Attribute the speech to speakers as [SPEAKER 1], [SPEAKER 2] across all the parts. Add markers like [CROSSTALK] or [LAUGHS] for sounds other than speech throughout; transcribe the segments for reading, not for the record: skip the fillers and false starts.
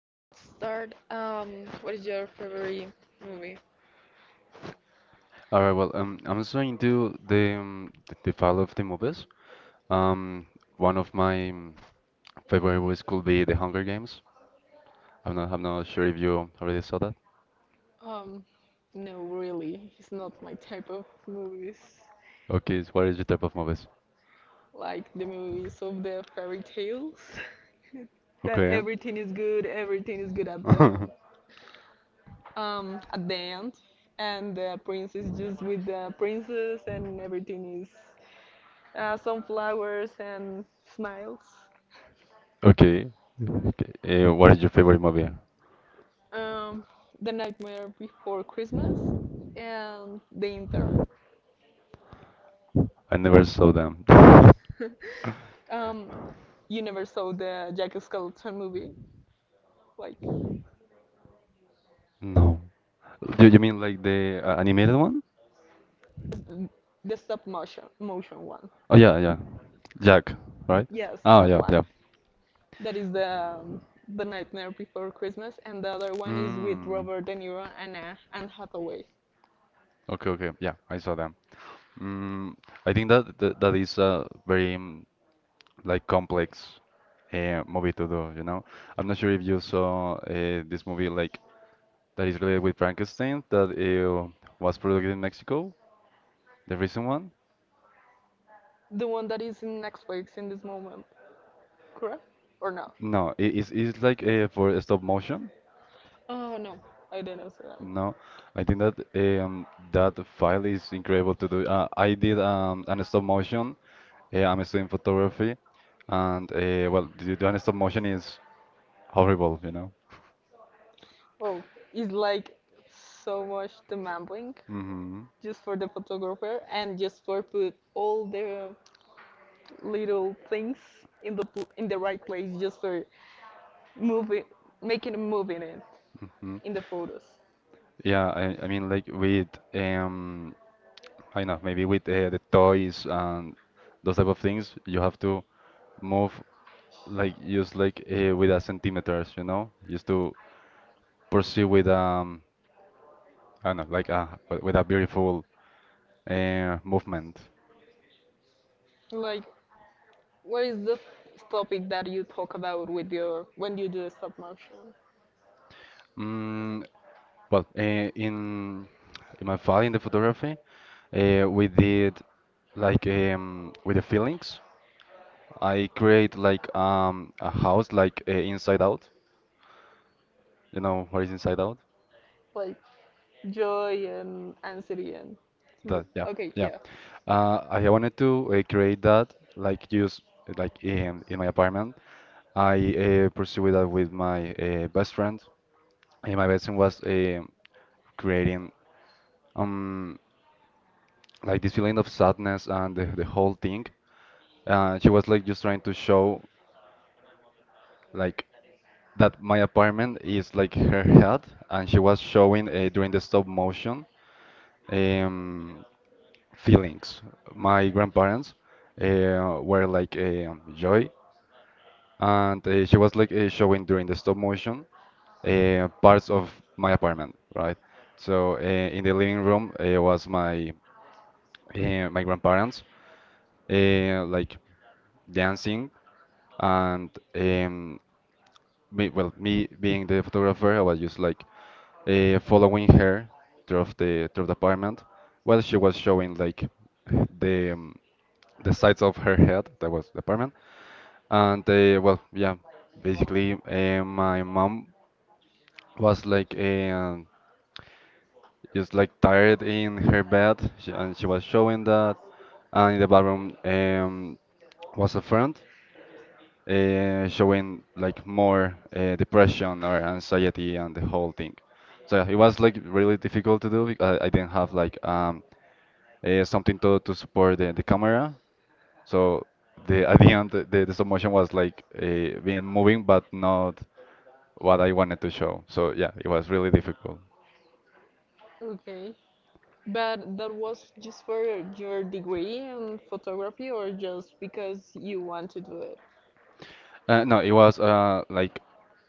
[SPEAKER 1] let's start. What is your favorite movie?
[SPEAKER 2] All right, well, I'm just going to do the the file of the movies. Um, one of my favorite movies could be The Hunger Games. I'm not sure if you already saw that.
[SPEAKER 1] Um, no, really, it's not my type of movies.
[SPEAKER 2] Okay, so what is your type of movies?
[SPEAKER 1] Like the movies of the fairy tales, [LAUGHS] that
[SPEAKER 2] Okay.
[SPEAKER 1] everything is good at the
[SPEAKER 2] [LAUGHS]
[SPEAKER 1] um at the end, and the prince is just with the princess, and everything is some flowers and smiles.
[SPEAKER 2] Okay. Okay. What is your favorite movie?
[SPEAKER 1] Um, the Nightmare Before Christmas and The Intern.
[SPEAKER 2] I never saw them. [LAUGHS]
[SPEAKER 1] [LAUGHS] Um, you never saw the Jack Skellington movie, like
[SPEAKER 2] No. Do you mean like the animated one?
[SPEAKER 1] the stop motion one.
[SPEAKER 2] Oh yeah, yeah. Jack, right?
[SPEAKER 1] Yes,
[SPEAKER 2] Oh
[SPEAKER 1] that
[SPEAKER 2] yeah,
[SPEAKER 1] one.
[SPEAKER 2] yeah.
[SPEAKER 1] That is the Nightmare Before Christmas, and the other one is with
[SPEAKER 2] Mm.
[SPEAKER 1] Robert De Niro and Anne Hathaway.
[SPEAKER 2] Okay, okay. Yeah, I saw them. Mm, I think that that is a very like complex movie to do, I'm not sure if you saw this movie like that is related with Frankenstein that was produced in Mexico, the recent one.
[SPEAKER 1] The one that is in Netflix in this moment, correct or not?
[SPEAKER 2] No, it's like for stop motion.
[SPEAKER 1] Oh no, I didn't see them.
[SPEAKER 2] No, I think that that file is incredible to do. I did an stop motion. I'm studying photography, and well, the doing stop motion is horrible,
[SPEAKER 1] Oh, it's like so much demanding
[SPEAKER 2] hmm
[SPEAKER 1] just for the photographer and just for put all the little things in the right place just for moving, making a move in it
[SPEAKER 2] hmm
[SPEAKER 1] in the photos.
[SPEAKER 2] Yeah, I mean, like with um, I know maybe with the toys and those type of things, you have to move like just like with a centimeters, you know, just to pursue with I don't know, like a with a beautiful movement.
[SPEAKER 1] Like, what is the topic that you talk about with your when you do stop motion?
[SPEAKER 2] Mm, well, in my file in the photography, we did like with the feelings. I create like a house like inside out. You know what is inside out?
[SPEAKER 1] Like joy and anxiety and
[SPEAKER 2] That yeah
[SPEAKER 1] okay,
[SPEAKER 2] yeah.
[SPEAKER 1] yeah,
[SPEAKER 2] I wanted to create that like use like in my apartment. I pursued that with my best friend. And my best friend was creating um like this feeling of sadness and the whole thing. She was like just trying to show like that my apartment is like her head, and she was showing during the stop motion, um, feelings. My grandparents were like joy, and she was like showing during the stop motion parts of my apartment, right? So in the living room was my my grandparents like dancing. And me, well, me being the photographer, I was just like following her through the apartment while she was showing like the um, the sides of her head that was the apartment. And well, yeah, basically my mom was like just like tired in her bed and she was showing that. And in the bathroom was a friend showing like more depression or anxiety and the whole thing. So yeah, it was like really difficult to do because I didn't have like something to support the camera. So the at the end, the stop motion was like being moving, but not what I wanted to show. So yeah, it was really difficult.
[SPEAKER 1] okay. But that was just for your degree in photography, or just because you want to do it?
[SPEAKER 2] No, it was like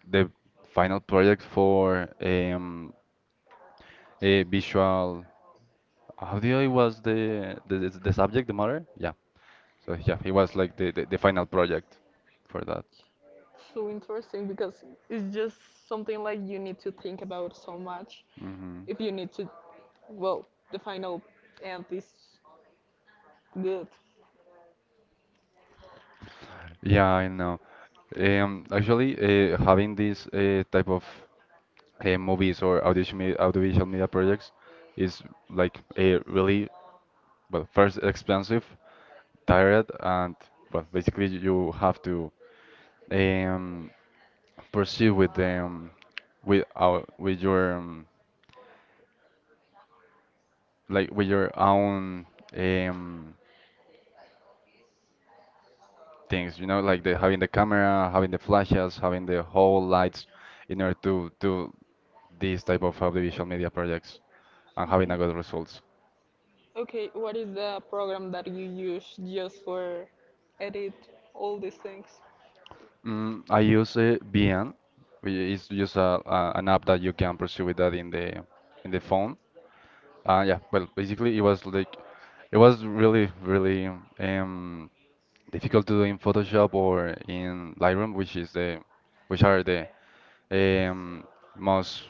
[SPEAKER 2] the final project for a visual audio. It was the the subject, the matter. Yeah. So yeah, it was like the final project for that.
[SPEAKER 1] So interesting because it's just something like you need to think about so much
[SPEAKER 2] hmm
[SPEAKER 1] if you need to, well, the final and this good.
[SPEAKER 2] yeah, I know. Actually, having this type of movies or audiovisual media projects is like a really, well, first expensive, tired, and well basically you have to um, pursue with them with your like with your own um, things, you know, like the having the camera, having the flashes, having the whole lights in order to do these type of audiovisual media projects and having a
[SPEAKER 1] Okay.
[SPEAKER 2] good results.
[SPEAKER 1] Okay, what is the program that you use just for edit all these things?
[SPEAKER 2] Mm, I use BN. It's just an app that you can pursue with that in the phone. Yeah, well, basically it was like it was really um, difficult to do in Photoshop or in Lightroom, which is the which are the um, most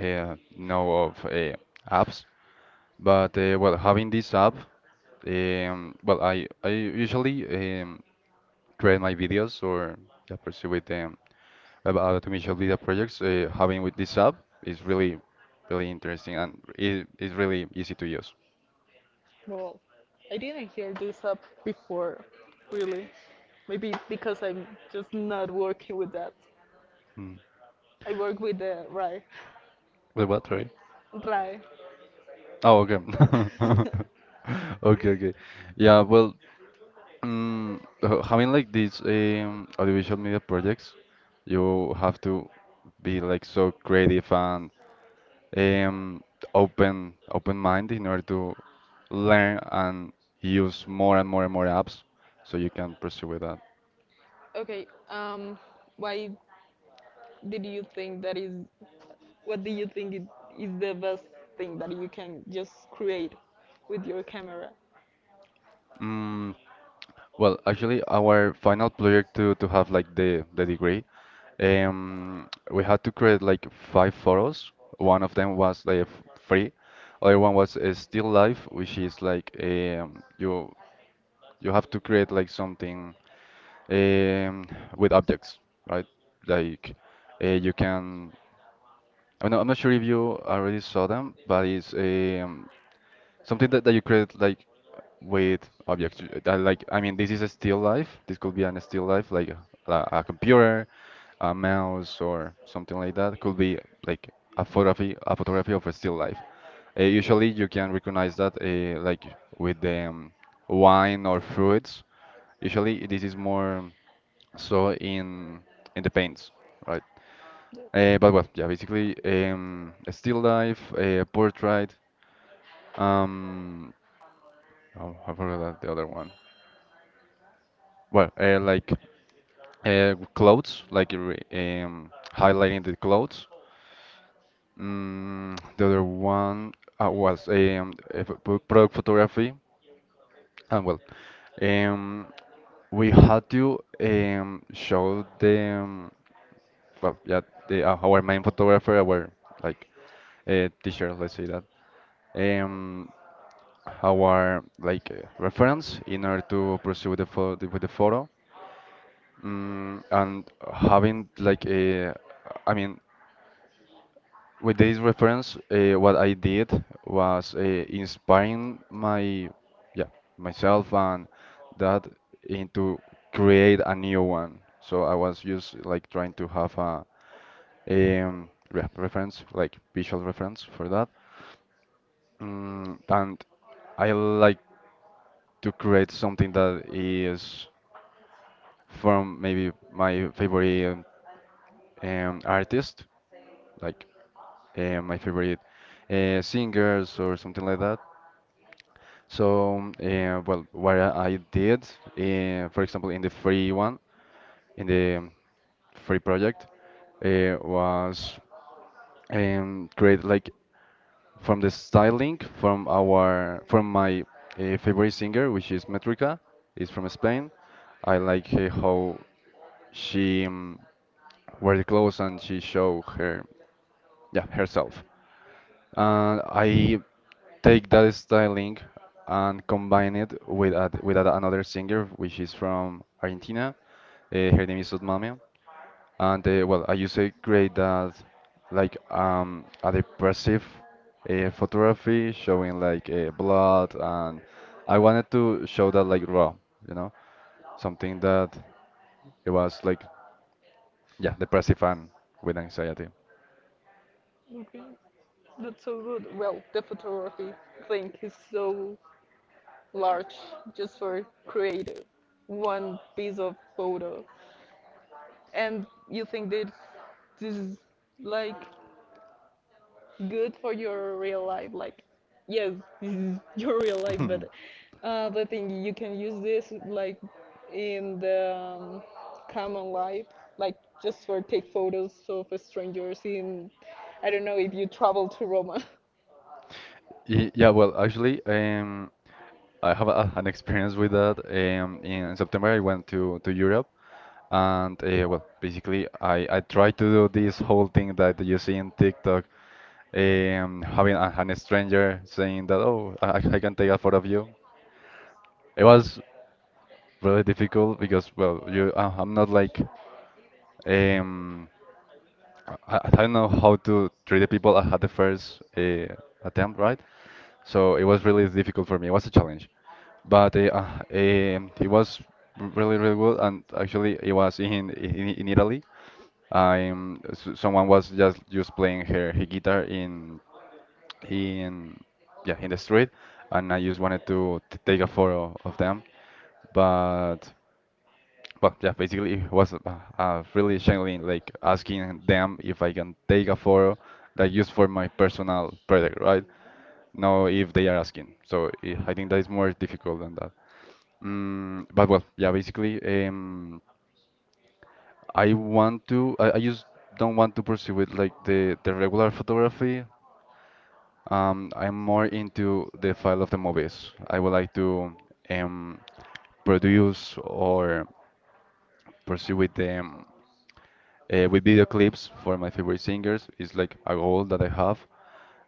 [SPEAKER 2] know of apps. But well, having this app, well, I usually um, create my videos or yeah, pursue with them about automation data projects having with this app is really interesting, and it is really easy to use.
[SPEAKER 1] Well, I didn't hear this up before, really. Maybe because I'm just not working with that.
[SPEAKER 2] Mm.
[SPEAKER 1] I work with the Rai.
[SPEAKER 2] Wait, what? Sorry.
[SPEAKER 1] Rai.
[SPEAKER 2] Oh, okay. [LAUGHS]
[SPEAKER 1] [LAUGHS]
[SPEAKER 2] Okay, okay. Yeah, well, mm, having like these audiovisual media projects, you have to be like so creative and um, open mind in order to learn and use more and more and more apps so you can pursue with that.
[SPEAKER 1] Okay, why did you think that is what do you think it is the best thing that you can just create with your camera?
[SPEAKER 2] Mm, Well, actually, our final project to have like the degree, we had to create like five photos. One of them was like free, other one was a still life, which is like you you have to create like something um, with objects, right? Like you can. I'm not sure if you already saw them, but it's something that you create like with objects. That, like, I mean, this is a still life. This could be an still life like a computer, a mouse or something like that could be like a photography, a photography of a still life. Usually you can recognize that like with the wine or fruits. Usually this is more so in the paints, right? But well, yeah, basically a still life, a portrait, um oh, I forgot the other one. Well, like clothes, like um, highlighting the clothes. Mm, the other one was a product photography. And well, um, we had to show them, well, yeah, the, our main photographer, our like teacher, let's say that, um, our like reference in order to pursue the photo with the photo. Mm, and having like a, I mean, with this reference, what I did was inspiring my, yeah, myself and that into create a new one. So I was just like trying to have a re reference, like visual reference for that. Mm, and I like to create something that is from maybe my favorite artist, like my favorite singers or something like that. So, well, what I did, for example, in the free one, in the free project, was create like from the styling from my favorite singer, which is Metrica, is from Spain. I like how she wear the clothes and she show her, yeah, herself. And I take that styling and combine it with another singer which is from Argentina. Her name is Sudmamia, and well, I used to create that like a depressive photography showing like blood, and I wanted to show that like raw, you know, something that it was like, yeah, depressive and with anxiety.
[SPEAKER 1] Okay, that's so good. Well, the photography thing is so large just for creating one piece of photo. And you think that this is like good for your real life. Like, yes, [LAUGHS] this is your real life, but the thing you can use this like
[SPEAKER 2] [LAUGHS]
[SPEAKER 1] in the common life, like just for take photos of strangers in. I don't know if you travel to Roma. [LAUGHS]
[SPEAKER 2] Yeah, well, actually, I have a, [LAUGHS] an experience with that. In September, I went to Europe, and well, basically, I tried to do this whole thing that you see in TikTok, having an stranger saying that, oh, I can take a photo of you. It was really difficult because, well, you, I'm not like, um, I don't know how to treat the people. I had the first attempt, right? So it was really difficult for me. It was a challenge, but it was really really good. And actually, it was in in Italy. I'm someone was just playing her guitar in in yeah in the street, and I just wanted to take a photo of them. But well, yeah, basically it was really challenging, like asking them if I can take a photo that used for my personal project, right? No, if they are asking. So I think that is more difficult than that. Mm, but well, yeah, basically, I want to. I just don't want to pursue it like the regular photography. I'm more into the file of the movies. I would like to um produce or pursue with them with video clips for my favorite singers. It's like a goal that I have.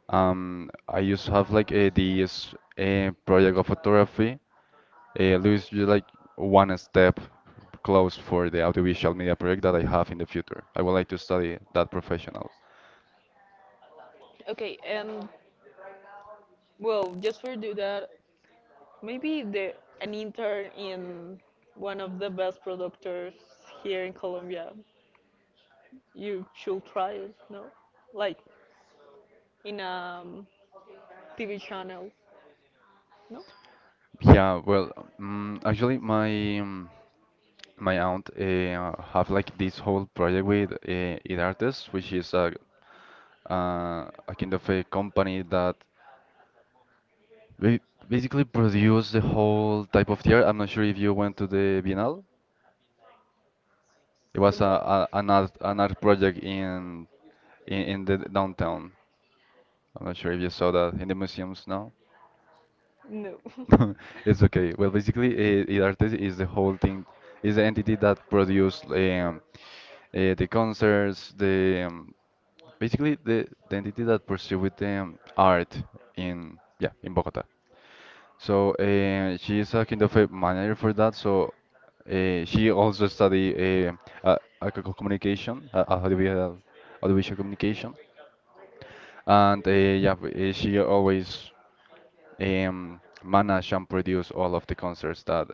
[SPEAKER 2] I used to have like a, this project of photography. Luis, you like one step close for the audiovisual media project that I have in the future. I would like to study that professional.
[SPEAKER 1] Okay, and well, just for do that, maybe the an intern in one of the best producers here in Colombia. You should try it, no? Like in a TV channel. No?
[SPEAKER 2] Yeah, well, actually, my my aunt have like this whole project with It Artists, which is a kind of a company that ba- basically produce the whole type of theater. I'm not sure if you went to the Biennale. It
[SPEAKER 1] What's
[SPEAKER 2] was
[SPEAKER 1] that?
[SPEAKER 2] a an art project in in the downtown. I'm not sure if you saw that in the museums now. [LAUGHS] It's okay. Well, basically, IDARTES is the whole thing, is the entity that produce the concerts, the basically the entity that pursue with art in, yeah, in Bogota. So she is a kind of a manager for that. So she also study uh, communication, audiovisual communication, and yeah, she always manage and produce all of the concerts that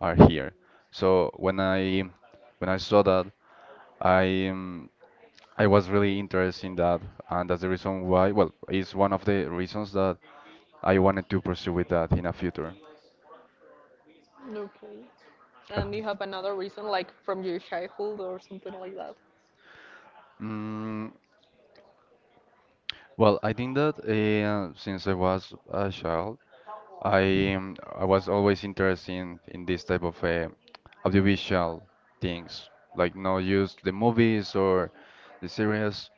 [SPEAKER 2] are here. So when I saw that, I um, I was really interested in that, and that's the reason why. Well, it's one of the reasons that I wanted to pursue with that in a future.
[SPEAKER 1] No. [LAUGHS] Okay.
[SPEAKER 2] Uh,
[SPEAKER 1] And you have another reason, like from your childhood or something like that?
[SPEAKER 2] Mm, well, I think that since I was a child, I was always interested in this type of audiovisual things, like not just the movies or the series.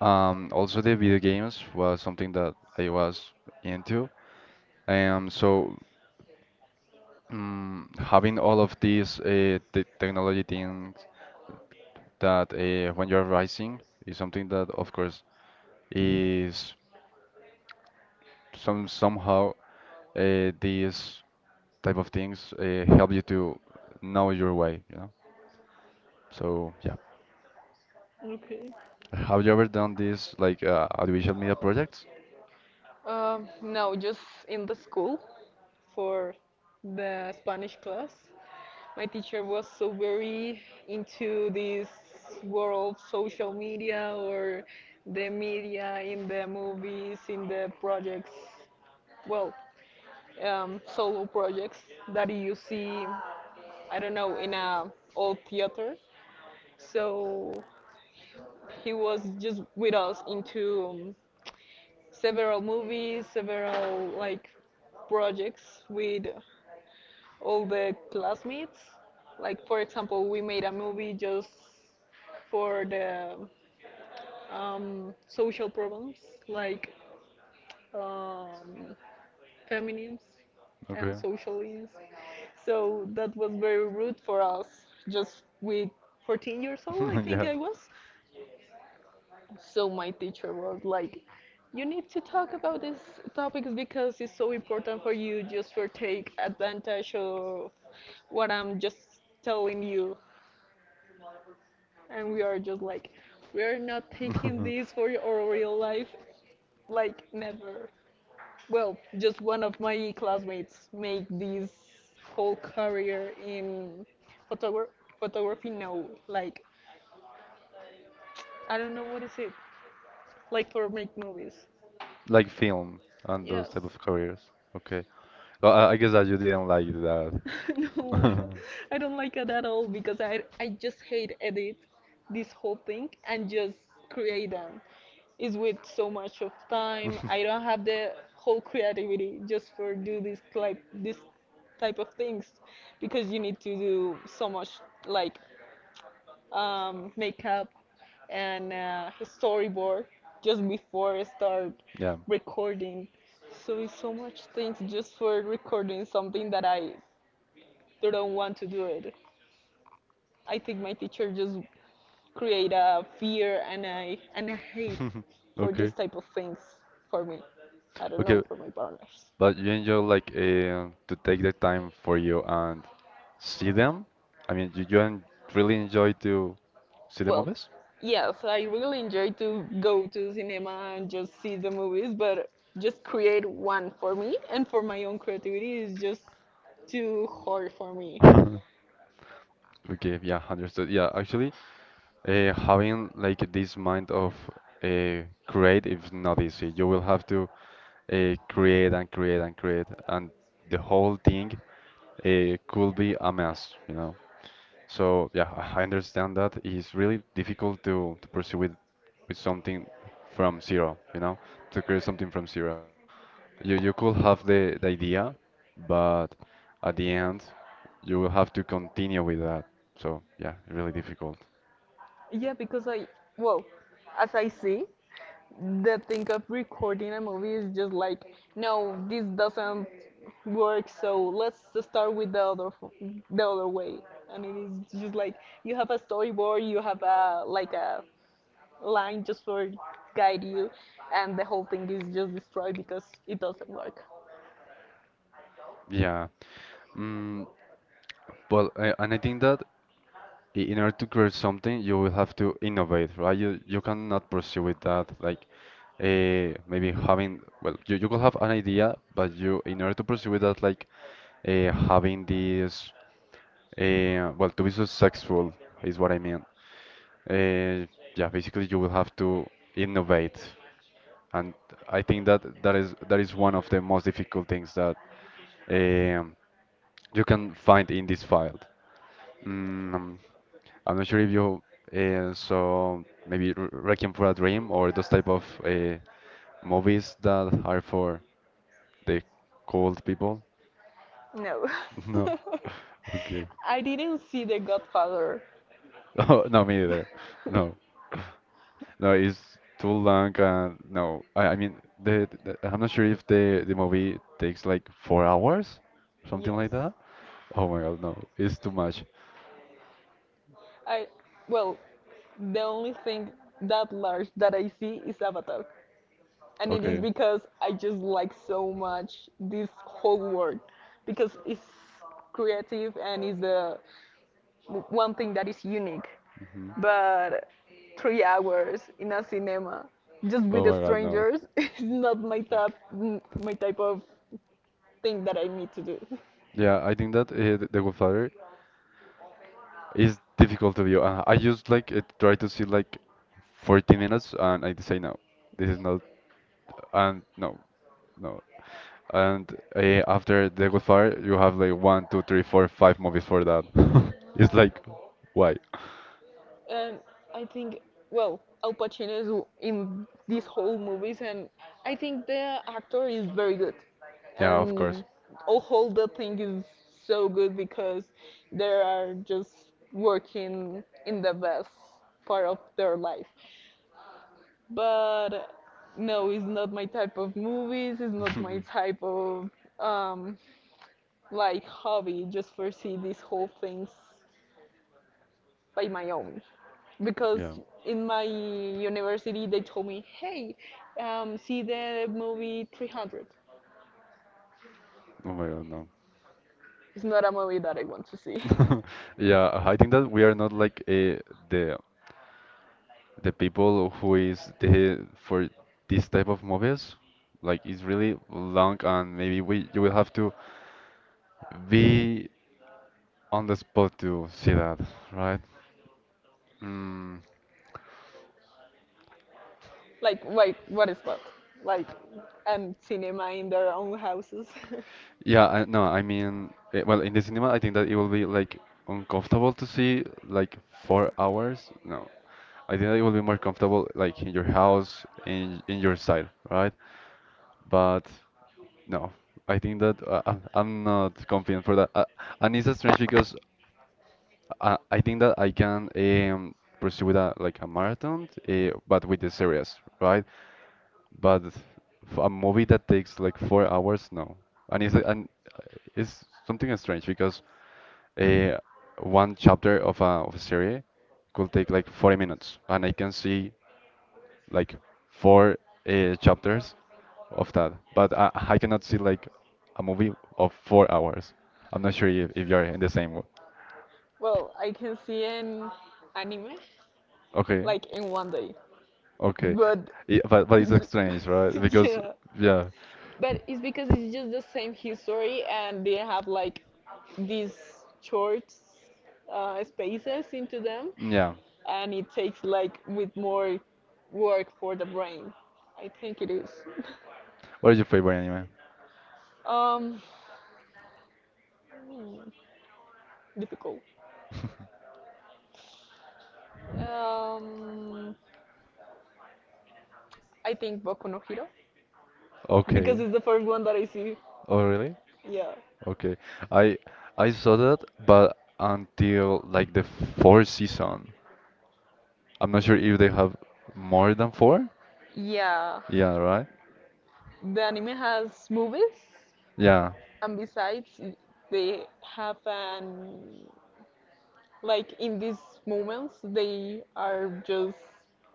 [SPEAKER 2] Also, the video games was something that I was into. So having all of these the technology things that when you're rising is something that, of course, is somehow these type of things help you to know your way, you know? So yeah,
[SPEAKER 1] Okay.
[SPEAKER 2] have you ever done this like audiovisual media projects?
[SPEAKER 1] No, just in the school for the Spanish class. My teacher was so very into this world of social media or the media in the movies, in the projects. Well, solo projects that you see, I don't know, in a old theater. So he was just with us into several movies, several like projects with all the classmates. Like for example, we made a movie just for the social problems like um, feminism and
[SPEAKER 2] Okay.
[SPEAKER 1] socialism. So that was very rude for us, just with 14 years old, I
[SPEAKER 2] [LAUGHS]
[SPEAKER 1] think
[SPEAKER 2] Yeah.
[SPEAKER 1] I was. So my teacher was like, you need to talk about these topics because it's so important for you just for take advantage of what I'm just telling you. And we are just like, we are not taking this for
[SPEAKER 2] [LAUGHS]
[SPEAKER 1] your real life, like never. Well, just one of my classmates made this whole career in photogra- photography now. Like, I don't know what is it. Like for make movies.
[SPEAKER 2] Like film and those
[SPEAKER 1] Yes.
[SPEAKER 2] type of careers. Okay. Well, I guess that you didn't like that.
[SPEAKER 1] [LAUGHS] No, I
[SPEAKER 2] [LAUGHS]
[SPEAKER 1] don't, I don't like it at all because I just hate edit this whole thing and just create them. It's with so much of time. I don't
[SPEAKER 2] [LAUGHS]
[SPEAKER 1] have the whole creativity just for do this type of things because you need to do so much like makeup and a storyboard just before I start
[SPEAKER 2] Yeah.
[SPEAKER 1] recording. So it's so much things just for recording something that I don't want to do it. I think my teacher just create a fear and a hate
[SPEAKER 2] [LAUGHS]
[SPEAKER 1] for this
[SPEAKER 2] Okay.
[SPEAKER 1] type of things for me. I don't know
[SPEAKER 2] Okay.
[SPEAKER 1] for my partners.
[SPEAKER 2] But you enjoy like to take the time for you and see them? I mean, you really enjoy to see the
[SPEAKER 1] Well,
[SPEAKER 2] movies? [LAUGHS]
[SPEAKER 1] yes, I really enjoy to go to cinema and just see the movies, but just create one for me and for my own creativity is just too hard for me.
[SPEAKER 2] Okay, yeah, understood. Yeah, actually, having like this mind of create is not easy. You will have to create and create and create, and the whole thing could be a mess. So yeah, I understand that it's really difficult to pursue with something from zero, to create something from zero. You could have the idea, but at the end you will have to continue with that. So yeah, really difficult.
[SPEAKER 1] Yeah, because I, well, as I see, the thing of recording a movie is just like, no, this doesn't work, so let's just start with the other way. And it is just like you have a storyboard, you have a line just for guide you, and the whole thing is just destroyed because it doesn't work.
[SPEAKER 2] Yeah. Mm, well, and I think that in order to create something, you will have to innovate, right? You cannot pursue with that like maybe having well, you could have an idea, but you in order to pursue with that like having this, well, to be successful is what I mean. Uh, yeah, basically you will have to innovate, and I think that that is one of the most difficult things that um, you can find in this field. Mm, I'm not sure if you saw maybe Requiem for a Dream or those type of movies that are for the cold people.
[SPEAKER 1] No.
[SPEAKER 2] [LAUGHS]
[SPEAKER 1] [LAUGHS]
[SPEAKER 2] No. Okay. [LAUGHS]
[SPEAKER 1] I didn't see The Godfather.
[SPEAKER 2] Oh, no, me either. No.
[SPEAKER 1] [LAUGHS]
[SPEAKER 2] No, it's too long. No, I mean, the I'm not sure if the movie takes like 4 hours, something
[SPEAKER 1] Yes.
[SPEAKER 2] like that. Oh my God, no, it's too much.
[SPEAKER 1] I well, the only thing that large that I see is Avatar. And it is
[SPEAKER 2] Okay.
[SPEAKER 1] because I just like so much this whole world because it's creative and is the one thing that is unique,
[SPEAKER 2] Hmm.
[SPEAKER 1] but 3 hours in a cinema just with
[SPEAKER 2] Oh
[SPEAKER 1] the
[SPEAKER 2] my God, no.
[SPEAKER 1] strangers [LAUGHS] is not my type my type of thing that I need to do.
[SPEAKER 2] Yeah, I think that The Godfather, it's difficult to view. I just like try to see like 40 minutes and I say no, this is not, and no, no. And after The Good Fire, you have like one, two, three, four, five movies for that. [LAUGHS] It's like, why?
[SPEAKER 1] And I think, well, Al Pacino is in these whole movies, and I think the actor is very good,
[SPEAKER 2] Yeah, of course.
[SPEAKER 1] and all whole the thing is so good because they are just working in the best part of their life. But no, it's not my type of movies. It's not my type
[SPEAKER 2] [LAUGHS]
[SPEAKER 1] of um, like hobby. Just foresee these whole things by my own,
[SPEAKER 2] Yeah.
[SPEAKER 1] because in my university they told me, hey, see the movie 300.
[SPEAKER 2] Oh my God, no.
[SPEAKER 1] It's not a movie that I want to see.
[SPEAKER 2] [LAUGHS] Yeah, I think that we are not like the the people who is the for this type of movies. Like it's really long, and maybe we you will have to be on the spot to see that, right? Mm,
[SPEAKER 1] [LAUGHS] Like, what is that? Like, and cinema in their own houses.
[SPEAKER 2] yeah, no, I mean, well, in the cinema, I think that it will be like uncomfortable to see like 4 hours. No,
[SPEAKER 1] [LAUGHS]
[SPEAKER 2] I think that it will be more comfortable like in your house, in your side, right? But no, I think that I'm not confident for that. And it's strange because I think that I can pursue with a like a marathon, but with the series, right? But a movie that takes like 4 hours, no. And uh, it's something strange because uh, one chapter of a series could take like 40 minutes, and I can see like four chapters of that, but I cannot see like a movie of 4 hours. I'm not sure if you're in the same.
[SPEAKER 1] Well, I can see an anime
[SPEAKER 2] Okay,
[SPEAKER 1] like in one day,
[SPEAKER 2] okay.
[SPEAKER 1] but
[SPEAKER 2] Yeah, but
[SPEAKER 1] [LAUGHS]
[SPEAKER 2] it's strange, right? Because
[SPEAKER 1] yeah,
[SPEAKER 2] yeah,
[SPEAKER 1] but it's because it's just the same history and they have like these short spaces into them,
[SPEAKER 2] yeah.
[SPEAKER 1] and it takes like with more work for the brain. I think it is.
[SPEAKER 2] What is your favorite anime?
[SPEAKER 1] [LAUGHS] um, hmm, Difficult. Um, I think Boku no Hero
[SPEAKER 2] Okay.
[SPEAKER 1] because it's the first one that I see.
[SPEAKER 2] Oh really?
[SPEAKER 1] Yeah.
[SPEAKER 2] Okay. I I saw that, but until like the fourth season. I'm not sure if they have more than four.
[SPEAKER 1] Yeah,
[SPEAKER 2] Yeah, right?
[SPEAKER 1] the anime has movies,
[SPEAKER 2] Yeah,
[SPEAKER 1] and besides, they have an like in these moments they are just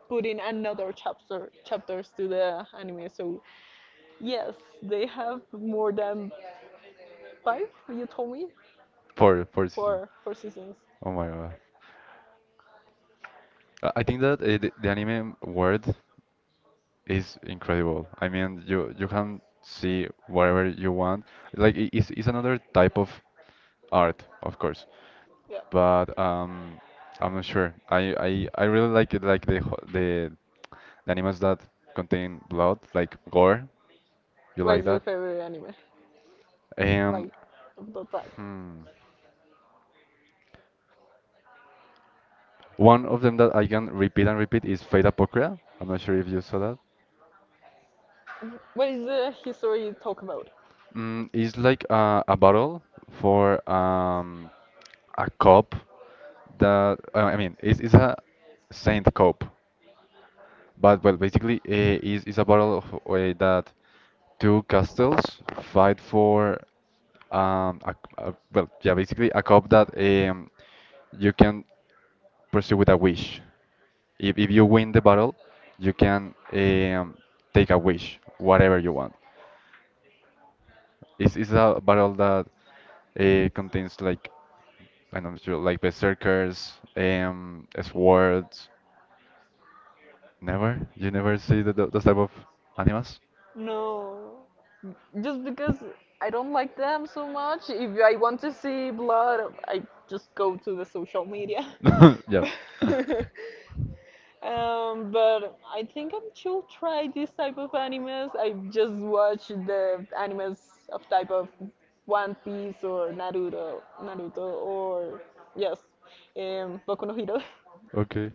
[SPEAKER 1] putting another chapters to the anime. So yes, they have more than five. You told me
[SPEAKER 2] four four season.
[SPEAKER 1] four seasons.
[SPEAKER 2] Oh my God. I think that the anime world is incredible. I mean, you can see whatever you want. Like it's another type of art, of course.
[SPEAKER 1] Yeah.
[SPEAKER 2] But I'm not sure. I really like it, like the ho- the animes that contain blood, like gore. You
[SPEAKER 1] What
[SPEAKER 2] like
[SPEAKER 1] is your
[SPEAKER 2] that?
[SPEAKER 1] favorite anime? Like
[SPEAKER 2] And
[SPEAKER 1] of the type?
[SPEAKER 2] hmm, one of them that I can repeat and repeat is Fate Apocrypha. I'm not sure if you saw that.
[SPEAKER 1] What is the history you talk about?
[SPEAKER 2] It's like a bottle for a cup that I mean, it's a saint cup, but well, basically, it's a bottle of that two castles fight for well, yeah, basically a cup that um, you can pursue with a wish. If you win the battle, you can take a wish, whatever you want. It's a bottle that contains like. And I'm sure like berserkers, swords. Never? You never see those type of animals?
[SPEAKER 1] No. Just because I don't like them so much. If I want to see blood, I just go to the social media.
[SPEAKER 2] [LAUGHS] Yeah.
[SPEAKER 1] [LAUGHS] But I think I should try this type of animes. I just watch the animes of type of One Piece or Naruto or yes, Boku no Hero.
[SPEAKER 2] Okay.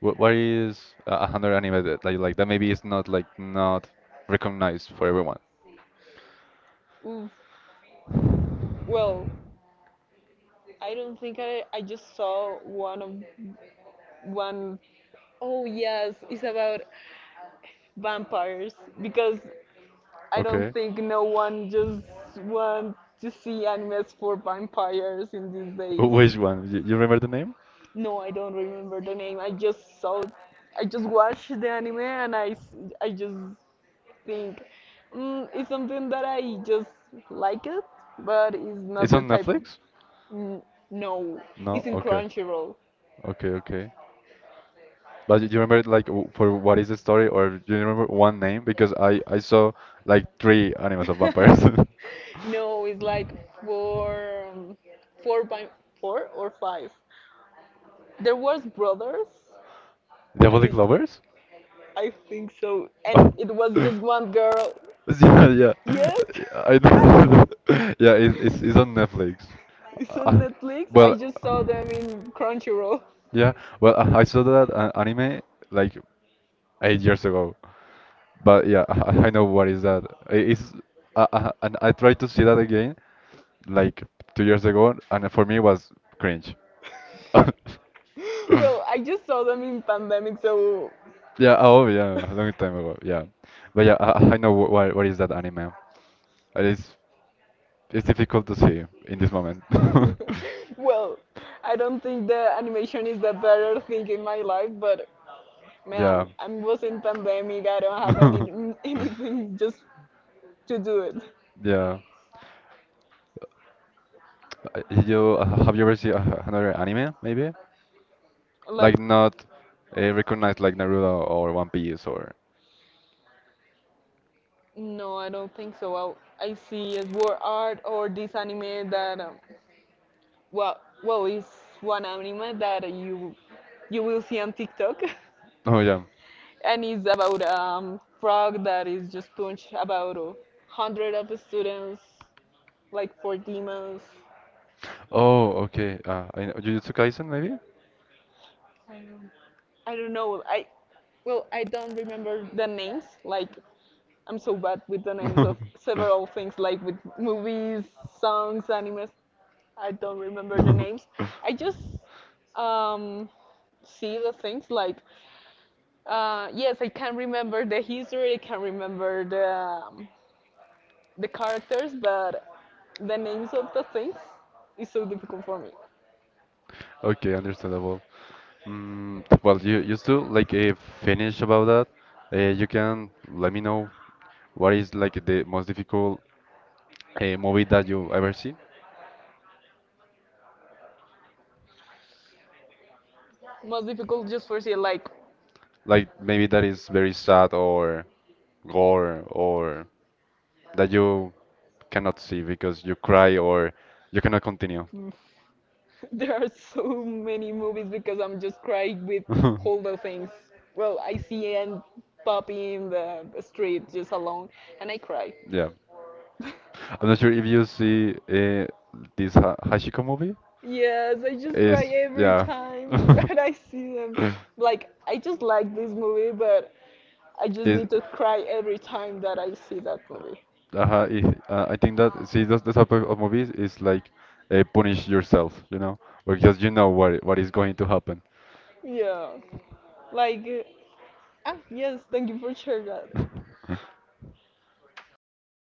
[SPEAKER 2] What is 100 anime that maybe is not recognized for everyone?
[SPEAKER 1] [LAUGHS] Well, I don't think I just saw one of One, oh yes, it's about vampires because I don't
[SPEAKER 2] Okay.
[SPEAKER 1] think no one just wants to
[SPEAKER 2] [LAUGHS]
[SPEAKER 1] see animes for vampires in these days.
[SPEAKER 2] Which one? You remember the name?
[SPEAKER 1] No, I don't remember the name. I just watched the anime and I just think it's something that I just like it, but it's not
[SPEAKER 2] It's
[SPEAKER 1] the
[SPEAKER 2] on
[SPEAKER 1] type of.
[SPEAKER 2] Netflix?
[SPEAKER 1] Mm,
[SPEAKER 2] No.
[SPEAKER 1] no,
[SPEAKER 2] No?
[SPEAKER 1] it's in
[SPEAKER 2] Okay.
[SPEAKER 1] Crunchyroll.
[SPEAKER 2] Okay. Okay. But do you remember like for what is the story, or do you remember one name? Because I saw like three animals of vampires. [LAUGHS]
[SPEAKER 1] [LAUGHS] No, it's like four, four by four or five. There was brothers. I
[SPEAKER 2] Diabolic
[SPEAKER 1] mean,
[SPEAKER 2] lovers?
[SPEAKER 1] I think so, and it was just
[SPEAKER 2] [LAUGHS]
[SPEAKER 1] one girl.
[SPEAKER 2] Yeah, yeah. [LAUGHS]
[SPEAKER 1] Yes,
[SPEAKER 2] I know. [LAUGHS] Yeah, it's on Netflix.
[SPEAKER 1] [LAUGHS] it's on
[SPEAKER 2] Uh,
[SPEAKER 1] Netflix. I
[SPEAKER 2] well,
[SPEAKER 1] just saw them in Crunchyroll.
[SPEAKER 2] yeah. Well, I saw that anime like 8 years ago. But yeah, [LAUGHS] I know what is that. I- It's and I tried to see that again like 2 years ago, and for me it was cringe. [LAUGHS]
[SPEAKER 1] [LAUGHS] Well, I just saw them in pandemic, so
[SPEAKER 2] Yeah, oh yeah, a long time ago. Yeah, but yeah, I know what is that anime. And it's difficult to see in this moment. [LAUGHS]
[SPEAKER 1] [LAUGHS] well, I don't think the animation is the better thing in my life, but man,
[SPEAKER 2] Yeah.
[SPEAKER 1] I was in pandemic. I don't have any [LAUGHS]
[SPEAKER 2] [LAUGHS]
[SPEAKER 1] anything just to do it.
[SPEAKER 2] Yeah. You have you ever seen another anime maybe? Like
[SPEAKER 1] Like,
[SPEAKER 2] not recognized like Naruto or One Piece or
[SPEAKER 1] no, I don't think so. I see a war art or this anime that, well, it's one anime that you will see on TikTok,
[SPEAKER 2] [LAUGHS] oh yeah.
[SPEAKER 1] [LAUGHS] and it's about frog that is just punched about 100 of students, like for demons.
[SPEAKER 2] Oh okay. I know. Jujutsu Kaisen maybe?
[SPEAKER 1] I don't know. I well, I don't remember the names. Like, I'm so bad with the names of several things, like with movies, songs, animes. I don't remember the names. I just
[SPEAKER 2] [LAUGHS]
[SPEAKER 1] um, see the things like, yes, I can remember the history, I can remember the characters, but the names of the things is so difficult for me.
[SPEAKER 2] Okay, understandable. Well, you still like finish about that you can let me know what is like the most difficult movie that you've ever seen,
[SPEAKER 1] Most difficult just for say like
[SPEAKER 2] like maybe that is very sad or gore or that you cannot see because you cry or you cannot continue.
[SPEAKER 1] [LAUGHS] there are so many movies because I'm just crying with
[SPEAKER 2] [LAUGHS]
[SPEAKER 1] all the things. Well, I see Aunt puppy in the street just alone, and I cry.
[SPEAKER 2] Yeah.
[SPEAKER 1] [LAUGHS]
[SPEAKER 2] I'm not sure if you see this ha Hashiko movie.
[SPEAKER 1] Yes, I just cry
[SPEAKER 2] Is
[SPEAKER 1] every
[SPEAKER 2] yeah.
[SPEAKER 1] time [LAUGHS] that I see them. Like, I just like this movie, but I just
[SPEAKER 2] [LAUGHS] Is
[SPEAKER 1] need to cry every time that I see that movie.
[SPEAKER 2] Uh, I think that see those the type of movies is like punish yourself, because you know what is going to happen.
[SPEAKER 1] Yeah. Like, yes, thank you for sharing that.
[SPEAKER 2] [LAUGHS]